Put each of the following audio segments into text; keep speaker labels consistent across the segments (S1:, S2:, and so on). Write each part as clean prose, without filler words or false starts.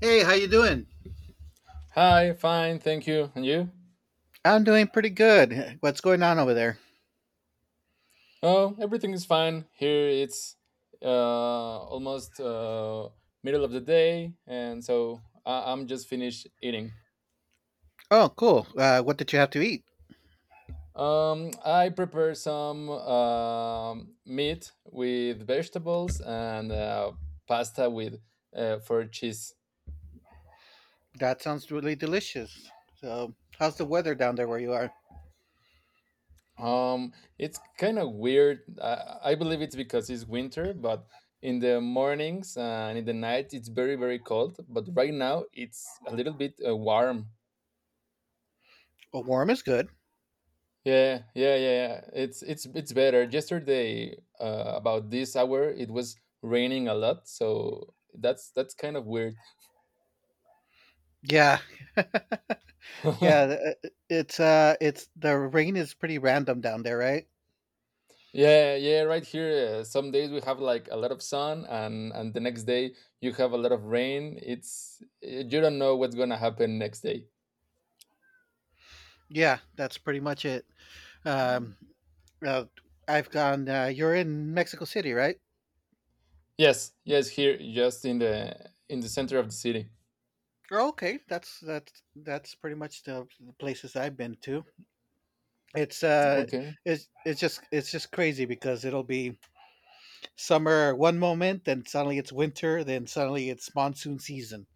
S1: Hey, how you doing?
S2: Hi, fine, thank you. And you?
S1: I'm doing pretty good. What's going on over there?
S2: Oh, everything is fine. Here it's almost middle of the day, and so I'm just finished eating.
S1: Oh, cool. What did you have to eat?
S2: I prepare some meat with vegetables and pasta with for cheese.
S1: That sounds really delicious. So, how's the weather down there where you are?
S2: Um, it's kind of weird. I believe it's because it's winter, but in the mornings and in the night it's very very cold. But right now it's a little bit warm.
S1: Well, warm is good.
S2: Yeah, yeah, yeah, yeah. It's better. Yesterday, about this hour, it was raining a lot, so that's kind of weird.
S1: Yeah, yeah. It's the rain is pretty random down there, right?
S2: Yeah, yeah. Right here, some days we have like a lot of sun, and the next day you have a lot of rain. It's you don't know what's gonna happen next day.
S1: Yeah, that's pretty much it. Um, uh, I've gone. You're in Mexico City, right?
S2: Yes, yes, here, just in the center of the city.
S1: Oh, okay, that's pretty much the places I've been to. It's uh,
S2: Okay.
S1: it's it's just crazy because it'll be summer one moment, then suddenly it's winter, then suddenly it's monsoon season.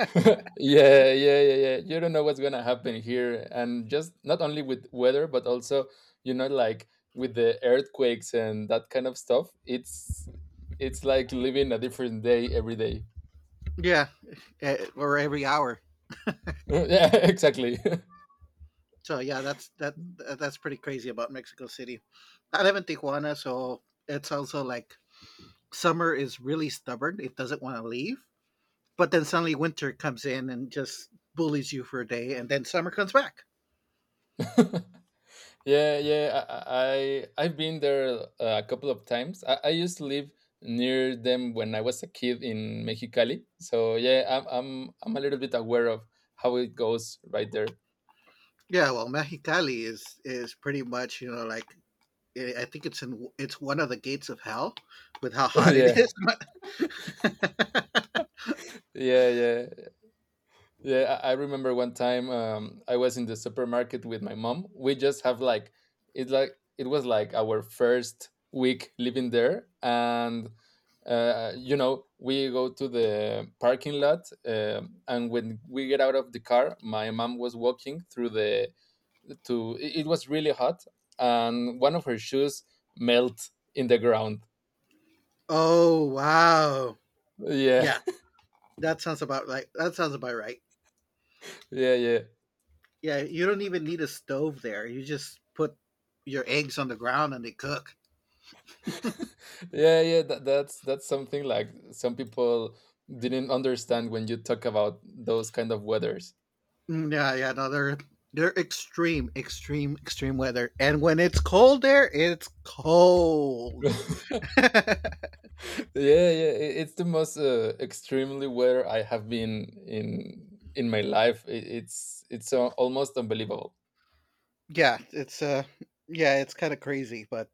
S2: Yeah, yeah, yeah, yeah. You don't know what's gonna happen here, and just not only with weather, but also like with the earthquakes and that kind of stuff. It's like living a different day every day.
S1: Yeah, eh, or every hour.
S2: Yeah, exactly.
S1: So yeah, that that's pretty crazy about Mexico City. I live in Tijuana, so it's also like summer is really stubborn. It doesn't want to leave, but then suddenly winter comes in and just bullies you for a day, and then summer comes back.
S2: Yeah, yeah, I've been there a couple of times. I used to live near them when I was a kid in Mexicali. So yeah, I'm a little bit aware of how it goes right there.
S1: Yeah, well, Mexicali is pretty much, you know, like I think it's one of the gates of hell with how hot it
S2: Yeah,
S1: is.
S2: yeah, yeah. Yeah, I remember one time, I was in the supermarket with my mom. We just have like it was like our first week living there, and we go to the parking lot, and when we get out of the car, my mom was walking through the to. It was really hot, and one of her shoes melt in the ground.
S1: Oh, wow!
S2: Yeah,
S1: Yeah, that sounds about right. That sounds about right.
S2: yeah, yeah.
S1: Yeah, you don't even need a stove there. You just put your eggs on the ground and they cook.
S2: Yeah yeah that's something, like some people didn't understand when you talk about those kind of weathers.
S1: Mm, yeah, yeah, no, they're extreme, extreme, extreme weather. And when it's cold there, it's cold.
S2: Yeah
S1: yeah,
S2: yeah, it's the most extremely weather I have been in my life. I it's almost unbelievable.
S1: it's uh yeah, it's kind of crazy, but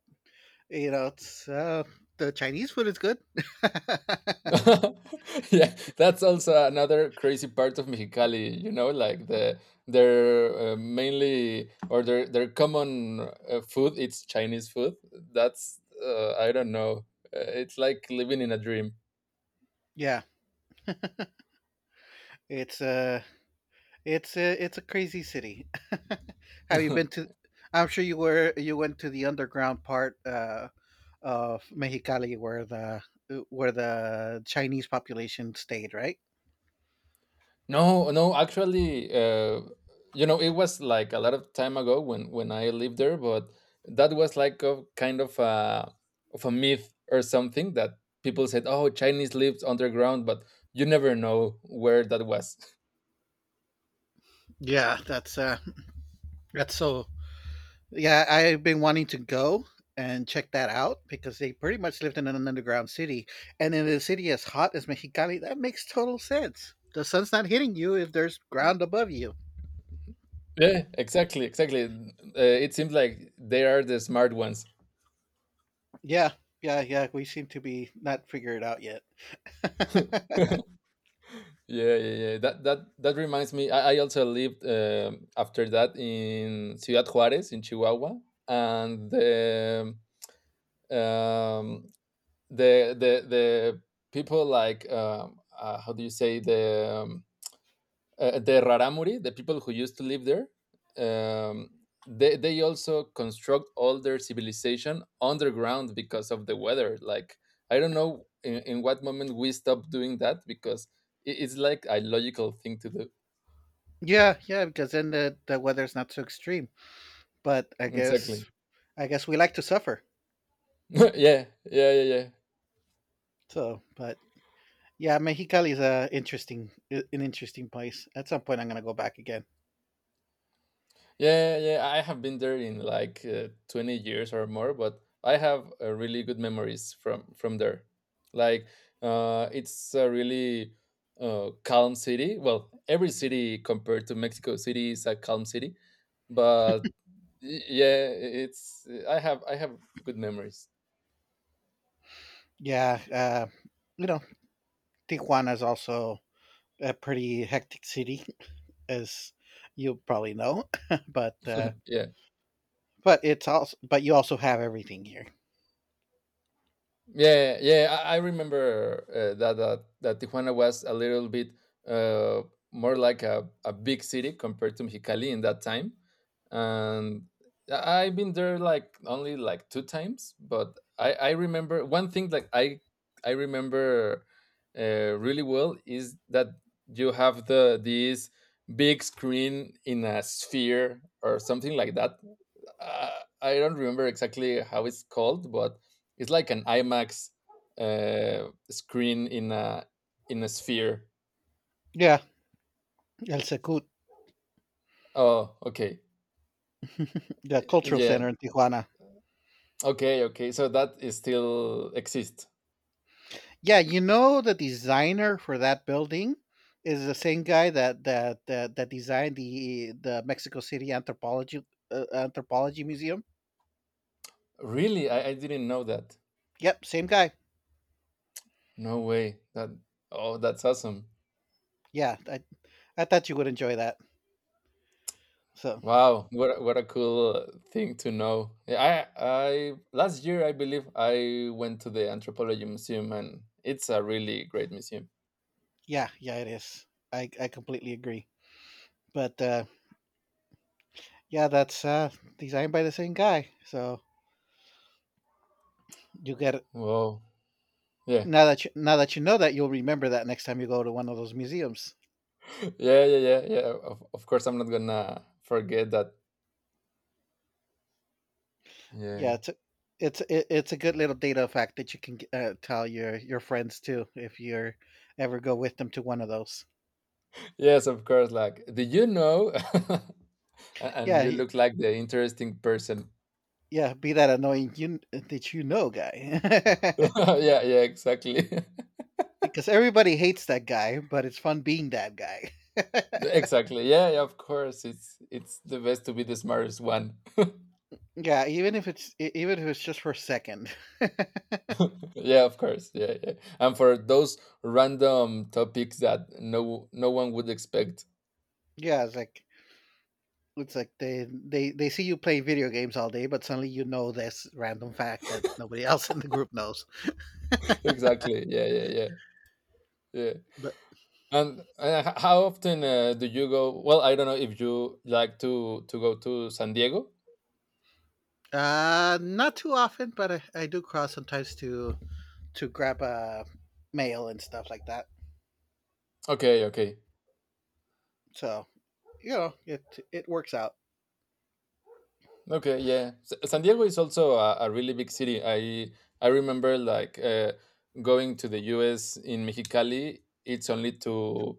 S1: you know, it's the Chinese food is good.
S2: Yeah, that's also another crazy part of Mexicali, like their mainly or their common food it's Chinese food. That's I don't know. It's like living in a dream.
S1: yeah, it's it's a crazy city. Have you been to? I'm sure you were you went to the underground part of Mexicali where the Chinese population stayed, right?
S2: No, no, actually, it was like a lot of time ago when I lived there, but that was like a kind of a myth or something, that people said, "Oh, Chinese lived underground," but you never know where that was.
S1: Yeah, that's so. Yeah, I've been wanting to go and check that out because they pretty much lived in an underground city, and in a city as hot as Mexicali, that makes total sense. The sun's not hitting you if there's ground above you.
S2: Yeah, exactly, exactly. It seems like they are the smart ones.
S1: Yeah, yeah, yeah. We seem to be not figured out yet.
S2: Yeah, yeah, yeah. That reminds me. I also lived after that in Ciudad Juarez in Chihuahua, and um, the people like, how do you say, the raramuri, the people who used to live there. Um, they also construct all their civilization underground because of the weather. Like I don't know in, what moment we stopped doing that, because it's like a logical thing to do.
S1: Yeah, yeah, because then the weather's not so extreme. But
S2: Exactly.
S1: I guess we like to suffer.
S2: Yeah, yeah, yeah, yeah.
S1: So, but yeah, Mexicali is a interesting an interesting place. At some point, I'm gonna go back again.
S2: Yeah, yeah, yeah, yeah. I have been there in like 20 years or more, but I have really good memories from there. Like, it's a really calm city. Well, every city compared to Mexico City is a calm city, but yeah, it's, I have good memories.
S1: Yeah, you know, Tijuana is also a pretty hectic city, as you probably know. but uh,
S2: Yeah.
S1: but it's also but you also have everything here.
S2: Yeah, yeah, yeah, I remember that Tijuana was a little bit uh, more like a big city compared to Mexicali in that time, and I've been there like only like two times, but I remember one thing, like I remember really well is that you have the this big screen in a sphere or something like that. I don't remember exactly how it's called, but it's like an IMAX, screen in a sphere.
S1: Yeah, El Secut,
S2: Oh, okay,
S1: the cultural
S2: yeah,
S1: center in Tijuana.
S2: okay, okay. So that is still exists.
S1: Yeah, you know the designer for that building is the same guy that designed the Mexico City Anthropology Anthropology Museum.
S2: Really, I didn't know that.
S1: Yep, same guy.
S2: No way. That oh, that's awesome.
S1: Yeah, I thought you would enjoy that. So
S2: Wow, what what a cool thing to know. Yeah, I last year I believe I went to the Anthropology Museum, and it's a really great museum.
S1: yeah, yeah, it is. I completely agree. But yeah, that's designed by the same guy. So you get
S2: Wow. Yeah.
S1: now that you know that you'll remember that next time you go to one of those museums.
S2: Yeah, yeah, yeah, yeah, of course I'm not gonna forget that.
S1: Yeah,
S2: Yeah,
S1: it's a, it's it, it's a good little data fact that you can tell your friends too if you're ever go with them to one of those.
S2: yes, of course, like, do you know? And
S1: Yeah,
S2: you
S1: y-
S2: look like the interesting person.
S1: yeah, be that annoying you that you know guy.
S2: Yeah, yeah, exactly.
S1: because everybody hates that guy, but it's fun being that guy.
S2: Exactly, yeah, yeah, of course it's the best to be the smartest one.
S1: yeah, even if even if it's just for a second.
S2: Yeah, of course, yeah, yeah. And for those random topics that no one would expect.
S1: yeah, it's like they see you play video games all day, but suddenly you know this random fact that nobody else in the group knows.
S2: Exactly, yeah, yeah, yeah, yeah.
S1: But.
S2: And how often do you go? Well, I don't know if you like to go to San Diego.
S1: Not too often, but I do cross sometimes to grab mail and stuff like that.
S2: Okay, okay,
S1: So you know, it works out.
S2: okay. Yeah, San Diego is also a really big city. I remember like going to the U.S. in Mexicali. It's only to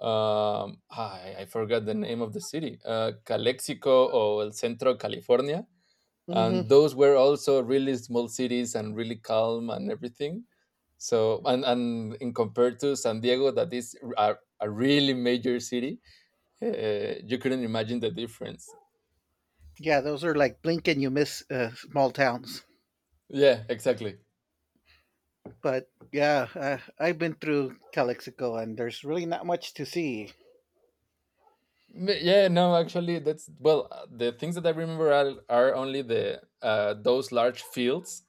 S2: I forgot the name of the city, Calexico or El Centro, California.
S1: Hmm
S2: And those were also really small cities and really calm and everything, so and in compared to San Diego that is a really major city. You couldn't imagine the difference.
S1: Yeah, those are like blink and you miss small towns.
S2: Yeah, exactly.
S1: But yeah, I've been through Calexico, and there's really not much to see.
S2: Yeah, no, actually, that's, well the things that I remember are only the, those large fields,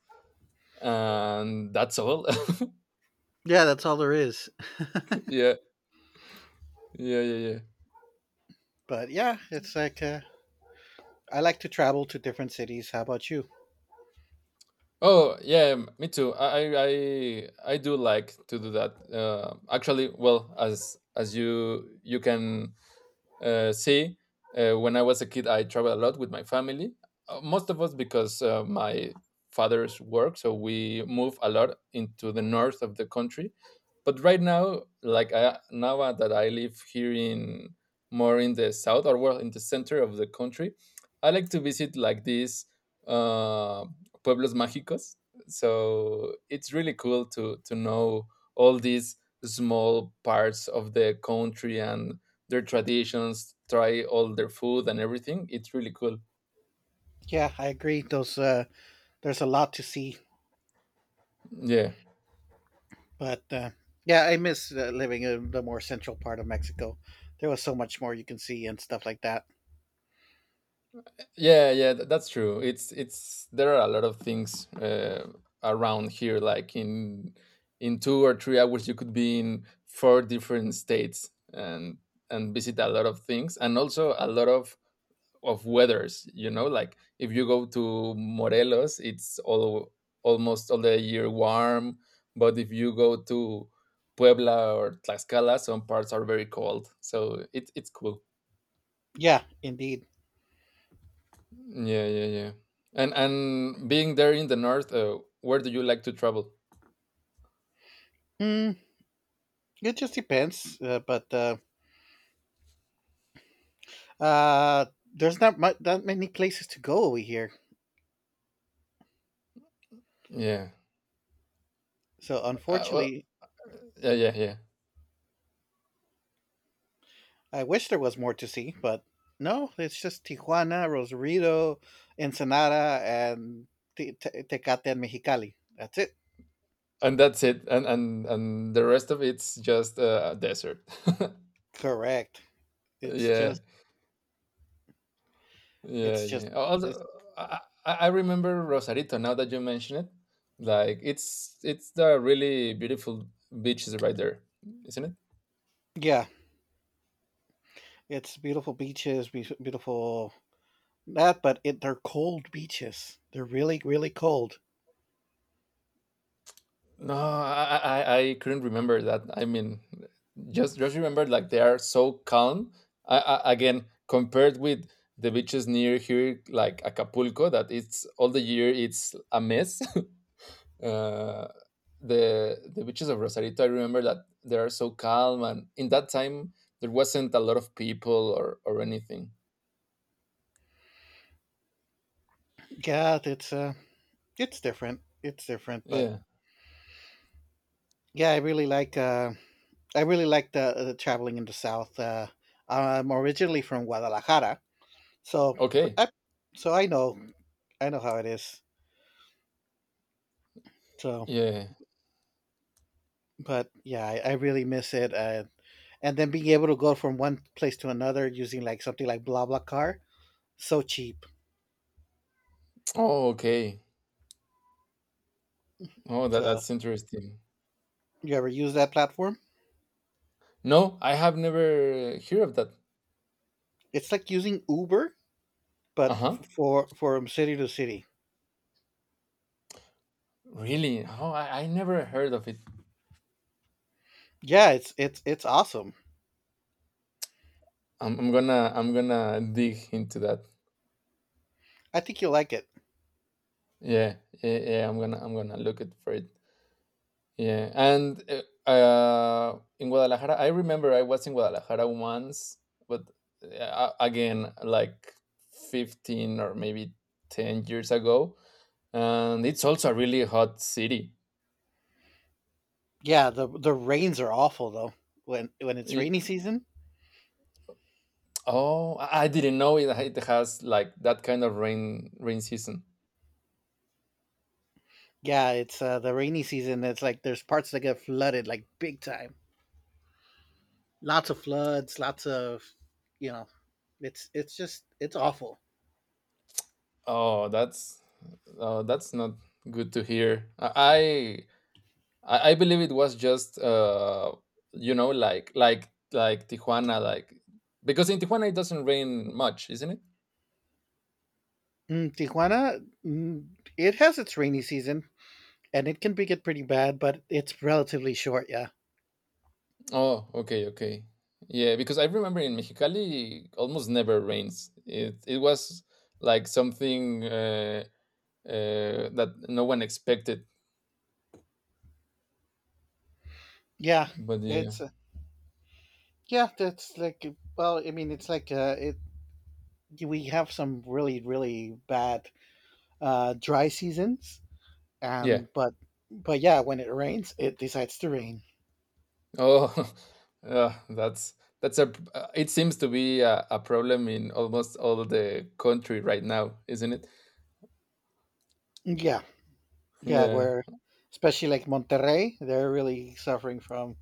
S2: and that's all.
S1: Yeah, that's all there is.
S2: Yeah yeah yeah yeah.
S1: But yeah, it's like I like to travel to different cities. How about you?
S2: Oh yeah, me too. I do like to do that. Actually, well, as you can, see, when I was a kid, I traveled a lot with my family. Most of us because my father's work, so we move a lot into the north of the country. But right now, like now that I live here in more in the south or well in the center of the country, I like to visit like these uh, pueblos mágicos. So it's really cool to know all these small parts of the country and their traditions, try all their food and everything. It's really cool.
S1: Yeah, I agree. Those there's a lot to see.
S2: Yeah,
S1: But yeah, I miss living in the more central part of Mexico. There was so much more you can see and stuff like that.
S2: yeah, yeah. That's true. It's There are a lot of things around here. Like in 2 or 3 hours, you could be in four different states and visit a lot of things, and also a lot of weathers, like if you go to Morelos it's all almost all the year warm, but if you go to Puebla or Tlaxcala some parts are very cold, so it's cool.
S1: Yeah, indeed.
S2: Yeah, yeah, yeah. And being there in the north, where do you like to travel?
S1: Hmm, it just depends, but uh, there's not much, that many places to go over here.
S2: Yeah,
S1: So
S2: well,
S1: unfortunately,
S2: yeah, yeah, yeah.
S1: I wish there was more to see, but no, it's just Tijuana, Rosarito, Ensenada, and Tecate and Mexicali. That's it.
S2: And that's it, and the rest of it's just a desert.
S1: Correct. It's
S2: Yeah.
S1: just,
S2: Yeah,
S1: it's just,
S2: yeah.
S1: it's,
S2: Also, I, I remember Rosarito now that you mention it. Like it's the really beautiful beaches right there, isn't it?
S1: yeah, it's beautiful beaches, beautiful that, but it they're cold beaches. They're really, really cold.
S2: No, I couldn't remember that. I mean, just remember, like, they are so calm. Again, compared with the beaches near here, like Acapulco, that it's all the year it's a mess. uh, the beaches of Rosarito, I remember that they are so calm, and in that time there wasn't a lot of people or anything.
S1: Yeah, it's different. It's different, but
S2: Yeah.
S1: yeah, I really like the traveling in the south. I'm originally from Guadalajara, so pr-
S2: Okay.
S1: I, so I know how it is. So,
S2: Yeah.
S1: but yeah, I really miss it. And then being able to go from one place to another using like something like BlaBlaCar, so cheap.
S2: Oh, okay. Oh,
S1: So,
S2: that's interesting.
S1: you ever use that platform?
S2: No, I have never heard of that.
S1: It's like using Uber,
S2: Uh
S1: but
S2: huh.
S1: for from city to city.
S2: Really? Oh, I never heard of it.
S1: Yeah, it's awesome.
S2: I'm gonna dig into that.
S1: I think you'll like it.
S2: Yeah, yeah, yeah. I'm gonna look it for it. Yeah, and in Guadalajara, I remember I was in Guadalajara once, but again, like 15 or maybe 10 years ago. And it's also a really hot city.
S1: Yeah, the rains are awful though. When it's
S2: Y-
S1: rainy season,
S2: oh, I didn't know it, it has like that kind of rain season.
S1: yeah, it's the rainy season. It's like there's parts that get flooded like big time. Lots of floods. Lots of you know. It's just it's awful.
S2: Oh, that's oh, that's not good to hear. I believe it was just like Tijuana, like because in Tijuana it doesn't rain much, isn't it?
S1: Mm, Tijuana, mm, it has its rainy season, and it can be get pretty bad, but it's relatively short. Yeah,
S2: Oh, okay, okay. Yeah, because I remember in Mexicali almost never rains. It was like something, that no one expected.
S1: yeah.
S2: But yeah,
S1: It's yeah, that's like well, I mean, it's like it. We have some really, really bad dry seasons,
S2: yeah.
S1: and but yeah, when it rains, it decides to rain.
S2: Oh, uh, that's that's a. It seems to be a problem in almost all the country right now, isn't it?
S1: Yeah, yeah,
S2: Yeah,
S1: where especially like Monterrey, they're really suffering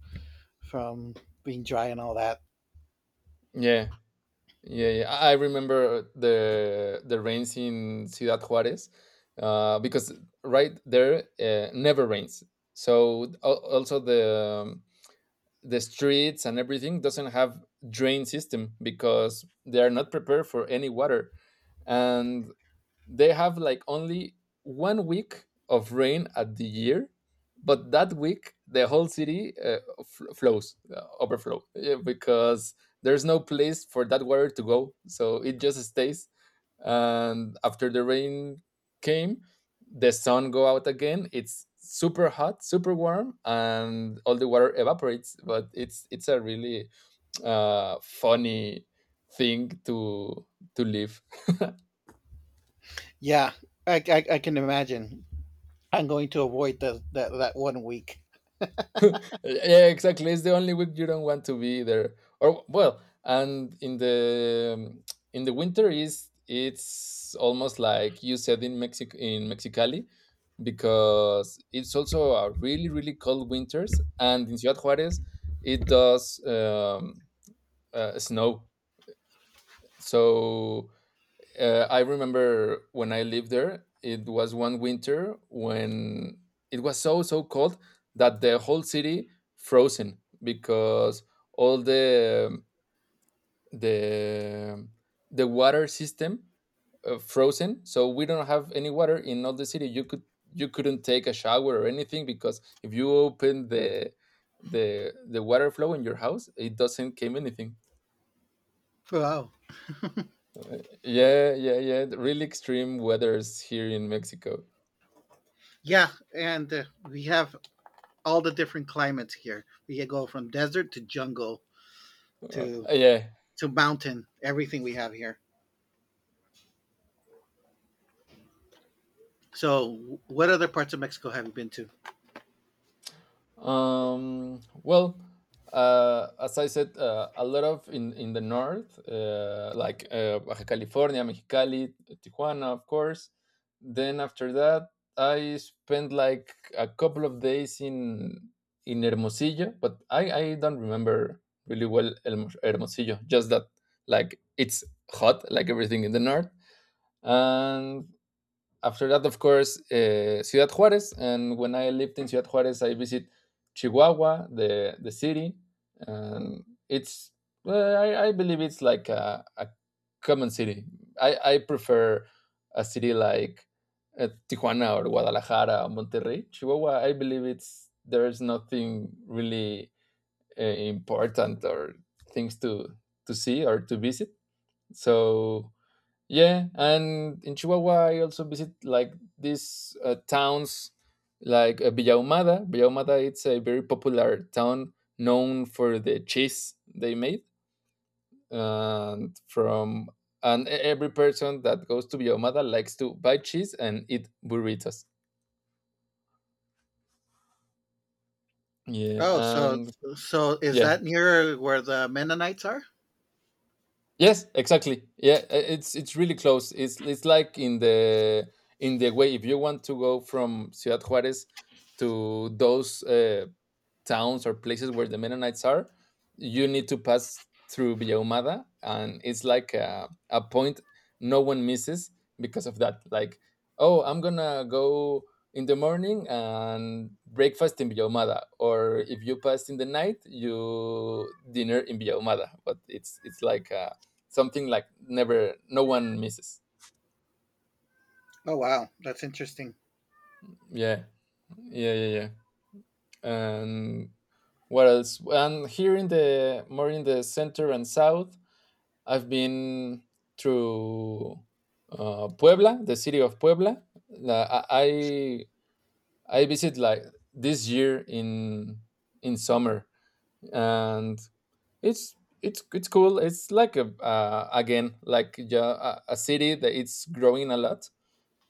S1: from being dry and all that.
S2: yeah. Yeah, yeah. I remember the rains in Ciudad Juarez, because right there, never rains. So also the, um, the streets and everything doesn't have drain system, because they are not prepared for any water. And they have like only 1 week of rain at the year, but that week the whole city flows, overflow, yeah, because there's no place for that water to go, so it just stays. And after the rain came, the sun go out again. It's super hot, super warm, and all the water evaporates, but it's a really funny thing to live.
S1: Yeah, I can imagine. I'm going to avoid that one week.
S2: Yeah, exactly. It's the only week you don't want to be there. Or well, and in the winter is it's almost like you said in Mexico, in Mexicali, because it's also a really really cold winters, and in Ciudad Juarez it does snow. So I remember when I lived there, it was one winter when it was so so cold that the whole city frozen because all the the water system frozen. So we don't have any water in all the city. You could you couldn't take a shower or anything because if you open the water flow in your house, it doesn't came anything.
S1: Wow.
S2: Yeah, yeah, yeah. the Really extreme weathers here in Mexico.
S1: Yeah, and we have all the different climates here. We can go from desert to jungle to
S2: Yeah.
S1: to mountain everything we have here. So, what other parts of Mexico have you been to?
S2: Well, as I said, a lot of in the north, like Baja California, Mexicali, Tijuana, of course. Then after that, I spent like a couple of days in Hermosillo, but I don't remember really well Hermosillo. Just that, like it's hot, like everything in the north, and after that, of course, Ciudad Juarez. And when I lived in Ciudad Juarez, I visit Chihuahua, the city, and it's uh, I believe it's like a common city. I prefer a city like Tijuana or Guadalajara or Monterrey. Chihuahua, I believe it's there's nothing really important or things to see or to visit. So yeah, and in Chihuahua, I also visit like these towns like Villa Ahumada. Villa Ahumada, it's a very popular town known for the cheese they made, and from and every person that goes to Villa Ahumada likes to buy cheese and eat burritos. Yeah,
S1: Oh, so
S2: and
S1: so is
S2: yeah,
S1: that near where the Mennonites are?
S2: yes, exactly. Yeah, it's really close. It's like in the way if you want to go from Ciudad Juarez to those. Towns or places where the Mennonites are, you need to pass through Villa Humada, and it's like a point no one misses because of that. Like, oh, I'm gonna go in the morning and breakfast in Villa Humada, or if you pass in the night, you dinner in Villa Humada. But it's like something like never no one misses.
S1: Oh, wow, that's interesting.
S2: Yeah, yeah, yeah, yeah. And what else? And here in the more in the center and south, I've been through Puebla, the city of Puebla. I I visit like this year in summer, and it's it's cool. It's like a a city that it's growing a lot,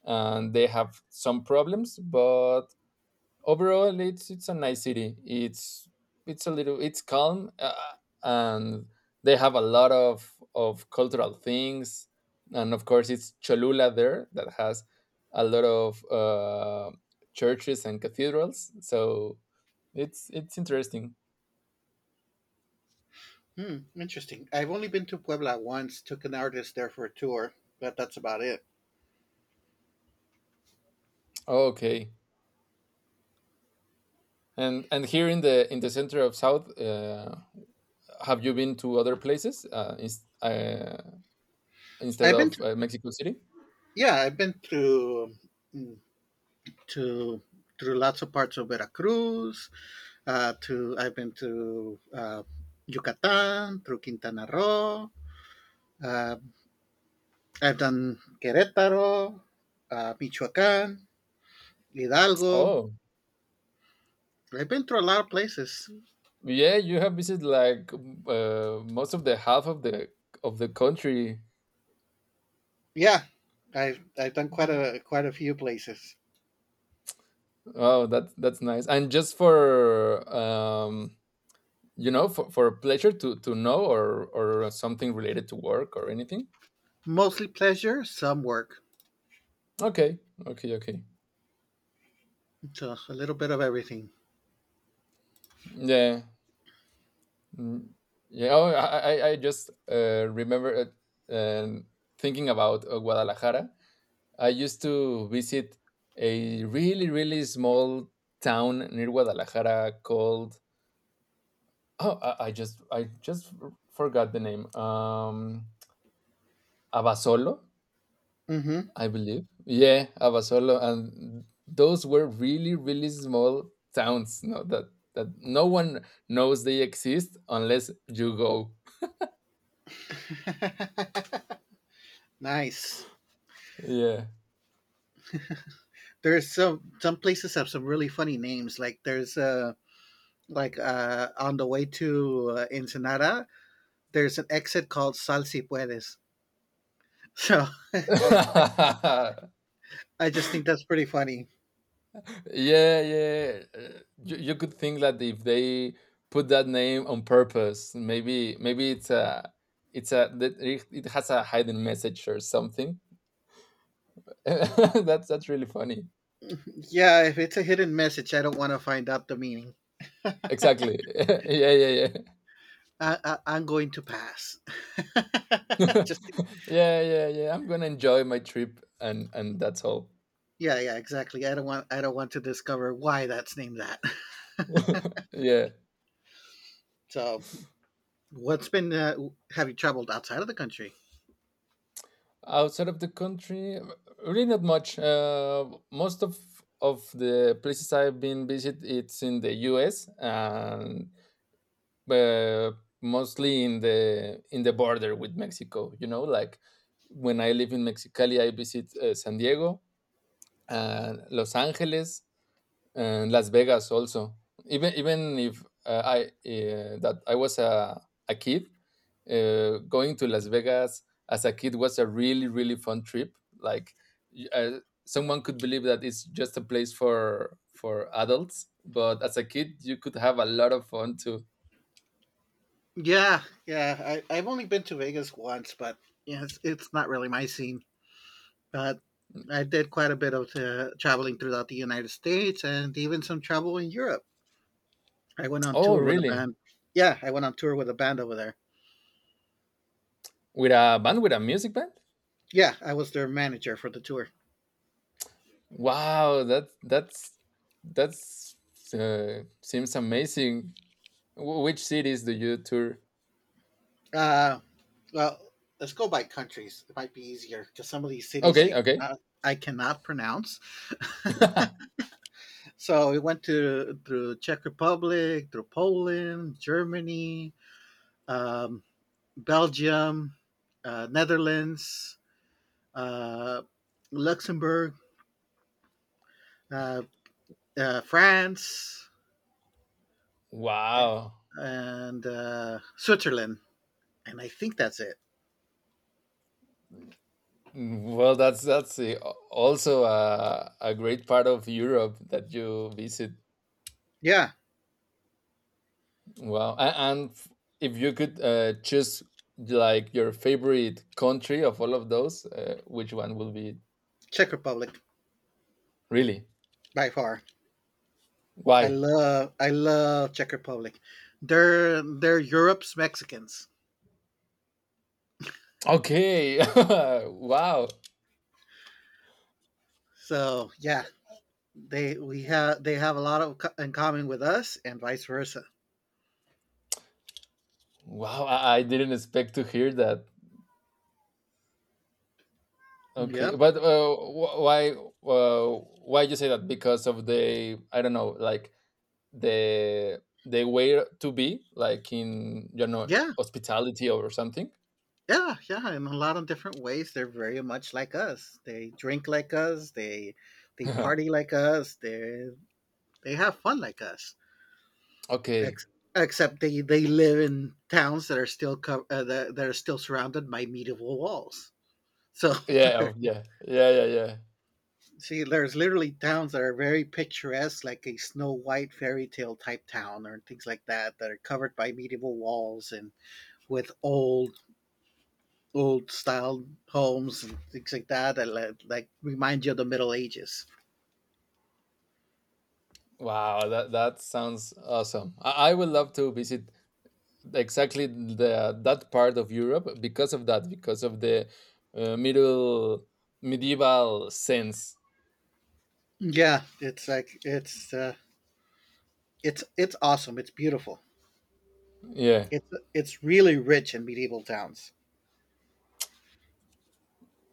S2: and they have some problems, but overall it's a nice city it's a little it's calm, and they have a lot of cultural things, and of course it's cholula there that has a lot of churches and cathedrals, so it's interesting.
S1: Hmm, interesting. I've only been to Puebla once. Took an artist there for a tour, but that's about it.
S2: Okay, and here in the center of south, have you been to other places instead
S1: I've been
S2: of
S1: to
S2: Mexico City?
S1: yeah, I've been to through lots of parts of Veracruz. To I've been to Yucatan, through Quintana Roo. Uh, I've done Querétaro, Michoacán, Hidalgo.
S2: Oh,
S1: I've been through a lot of places.
S2: yeah, you have visited like most of the half of the country.
S1: Yeah, I've done quite
S2: Mhm.
S1: a quite a few places.
S2: Oh, that's nice. And just for for pleasure to know or something related to work or anything.
S1: Mostly pleasure, some work.
S2: Okay, okay, okay.
S1: So a little bit of everything.
S2: Yeah. Mm, yeah. Oh, I just remember it, um, thinking about Guadalajara. I used to visit a really really small town near Guadalajara called oh, I just forgot the name. Abasolo,
S1: Mm-hmm.
S2: I believe. Yeah, Abasolo, and those were really really small towns. No, that that no one knows they exist unless you go.
S1: Nice.
S2: Yeah.
S1: There's some places have some really funny names. Like there's like on the way to Ensenada, there's an exit called Sal Si Puedes. So I
S2: Yeah,
S1: I just think that's pretty funny.
S2: yeah. You, you could think that if they put that name on purpose, maybe maybe it's a that it has a hidden message or something. That's really funny.
S1: Yeah, if it's a hidden message, I don't want to find out the meaning.
S2: Exactly. Yeah, yeah, yeah.
S1: I, I'm going to pass. Just
S2: Yeah, yeah, yeah. I'm gonna enjoy my trip and that's all.
S1: yeah, yeah, exactly. I don't want to discover why that's named that.
S2: Yeah.
S1: so, what's been have you traveled outside of the country?
S2: Outside of the country, really not much. Most of the places I've been visit, it's in the U.S. and uh, mostly in the border with Mexico. You know, like when I live in Mexicali, I visit San Diego and Los Angeles. And Las Vegas also. Even even if I that I was a kid, going to Las Vegas as a kid was a really really fun trip. Like y- uh, someone could believe that it's just a place for adults, but as a kid you could have a lot of fun too.
S1: Yeah, yeah. I, I've only been to Vegas once, but yeah, it's not really my scene. But I did quite a bit of traveling throughout the United States and even some travel in Europe. I went on
S2: Oh
S1: tour with a
S2: really?
S1: band. Yeah, I went on tour with a band over there.
S2: With a band? With a music band?
S1: Yeah, I was their manager for the tour.
S2: Wow, that's seems amazing. Which cities do you tour?
S1: Uh, well, let's go by countries. It might be easier because some of these cities
S2: Okay, okay.
S1: I cannot pronounce. so we went to through Czech Republic, through Poland, Germany, um, Belgium, Netherlands, uh, Luxembourg, uh, France, and,
S2: Wow.
S1: and Switzerland, and I think that's it.
S2: Mm, well, that's a, also a great part of Europe that you visit.
S1: Yeah,
S2: Wow. And, and f- if you could choose like your favorite country of all of those, which one will be it?
S1: Czech Republic
S2: Really?
S1: by far.
S2: Why?
S1: I love Czech Republic. They're Europe's Mexicans.
S2: Okay. Wow.
S1: So yeah, they have a lot of in common with us and vice versa.
S2: Wow. I didn't expect to hear that.
S1: Yep.
S2: Okay. But uh, why you say that? Because of the I don't know, like the way to be like in you know
S1: Yeah.
S2: hospitality or something.
S1: Yeah. Yeah. In a lot of different ways, they're very much like us. They drink like us. They party like us. They have fun like us.
S2: Okay.
S1: Ex- except they live in towns that are still that are still surrounded by medieval walls. So
S2: Yeah. Oh, yeah, yeah, yeah, yeah.
S1: see, there's literally towns that are very picturesque, like a Snow White fairy tale type town or things like that, that are covered by medieval walls and with old, old style homes and things like that that like remind you of the Middle Ages.
S2: Wow, that that sounds awesome. I would love to visit exactly the that part of Europe, because of that, because of the middle medieval sense.
S1: Yeah, it's like it's awesome. It's beautiful.
S2: Yeah.
S1: It's it's really rich in medieval towns.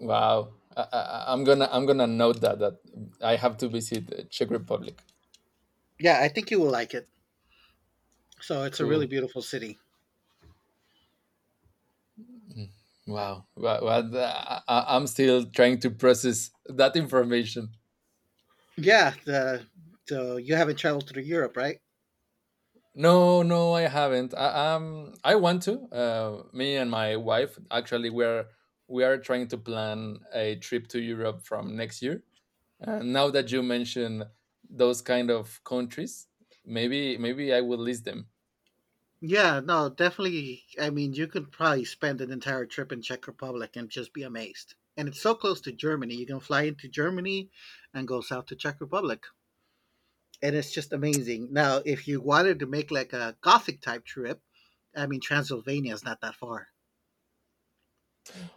S2: Wow. I'm gonna I'm gonna note that that I have to visit Czech Republic.
S1: Yeah, I think you will like it. So it's a really
S2: Cool.
S1: beautiful city.
S2: Wow. Well, well I'm still trying to process that information.
S1: Yeah, the so you haven't traveled through Europe, right?
S2: No, no, I haven't. I want to. Me and my wife actually we are trying to plan a trip to Europe from next year. Now that you mention those kind of countries, maybe maybe I will list them.
S1: Yeah, no, definitely. I mean, you could probably spend an entire trip in Czech Republic and just be amazed. And it's so close to Germany. You can fly into Germany and go south to Czech Republic. And it's just amazing. Now, if you wanted to make like a Gothic type trip, I mean, Transylvania is not that far.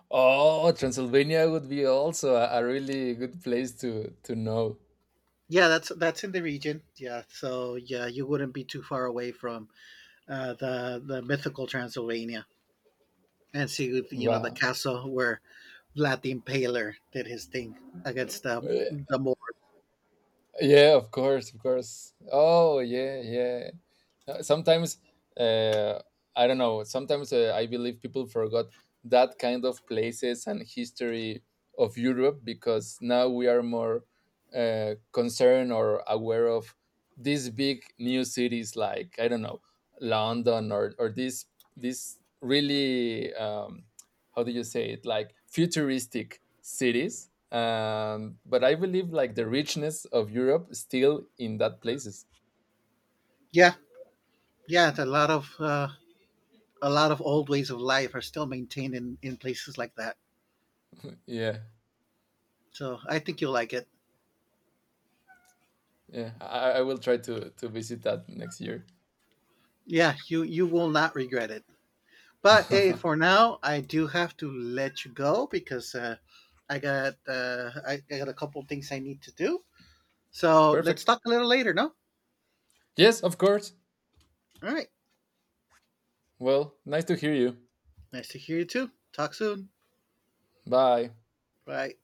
S2: Oh, Transylvania would be also a really good place to know.
S1: Yeah, that's in the region. Yeah, so yeah, you wouldn't be too far away from the mythical Transylvania and see you know the
S2: Wow.
S1: castle where Vlad the Impaler did his thing against the Moors.
S2: Yeah, of course, of course. Oh, yeah, yeah. Sometimes, uh, I don't know. Sometimes I believe people forgot that kind of places and history of Europe because now we are more concerned or aware of these big new cities like I don't know London or this really how do you say it like futuristic cities. But I believe like the richness of Europe still in that places.
S1: Yeah, yeah, it's a lot of old ways of life are still maintained in places like that.
S2: Yeah,
S1: So I think you'll like it.
S2: yeah. I will try to visit that next year.
S1: Yeah, you will not regret it. But hey, for now, I do have to let you go because I got I got a couple of things I need to do. So let's
S2: Perfect.
S1: talk a little later. No,
S2: Yes, of course.
S1: all right.
S2: Well, nice to hear you.
S1: Nice to hear you too. Talk soon.
S2: Bye.
S1: Bye.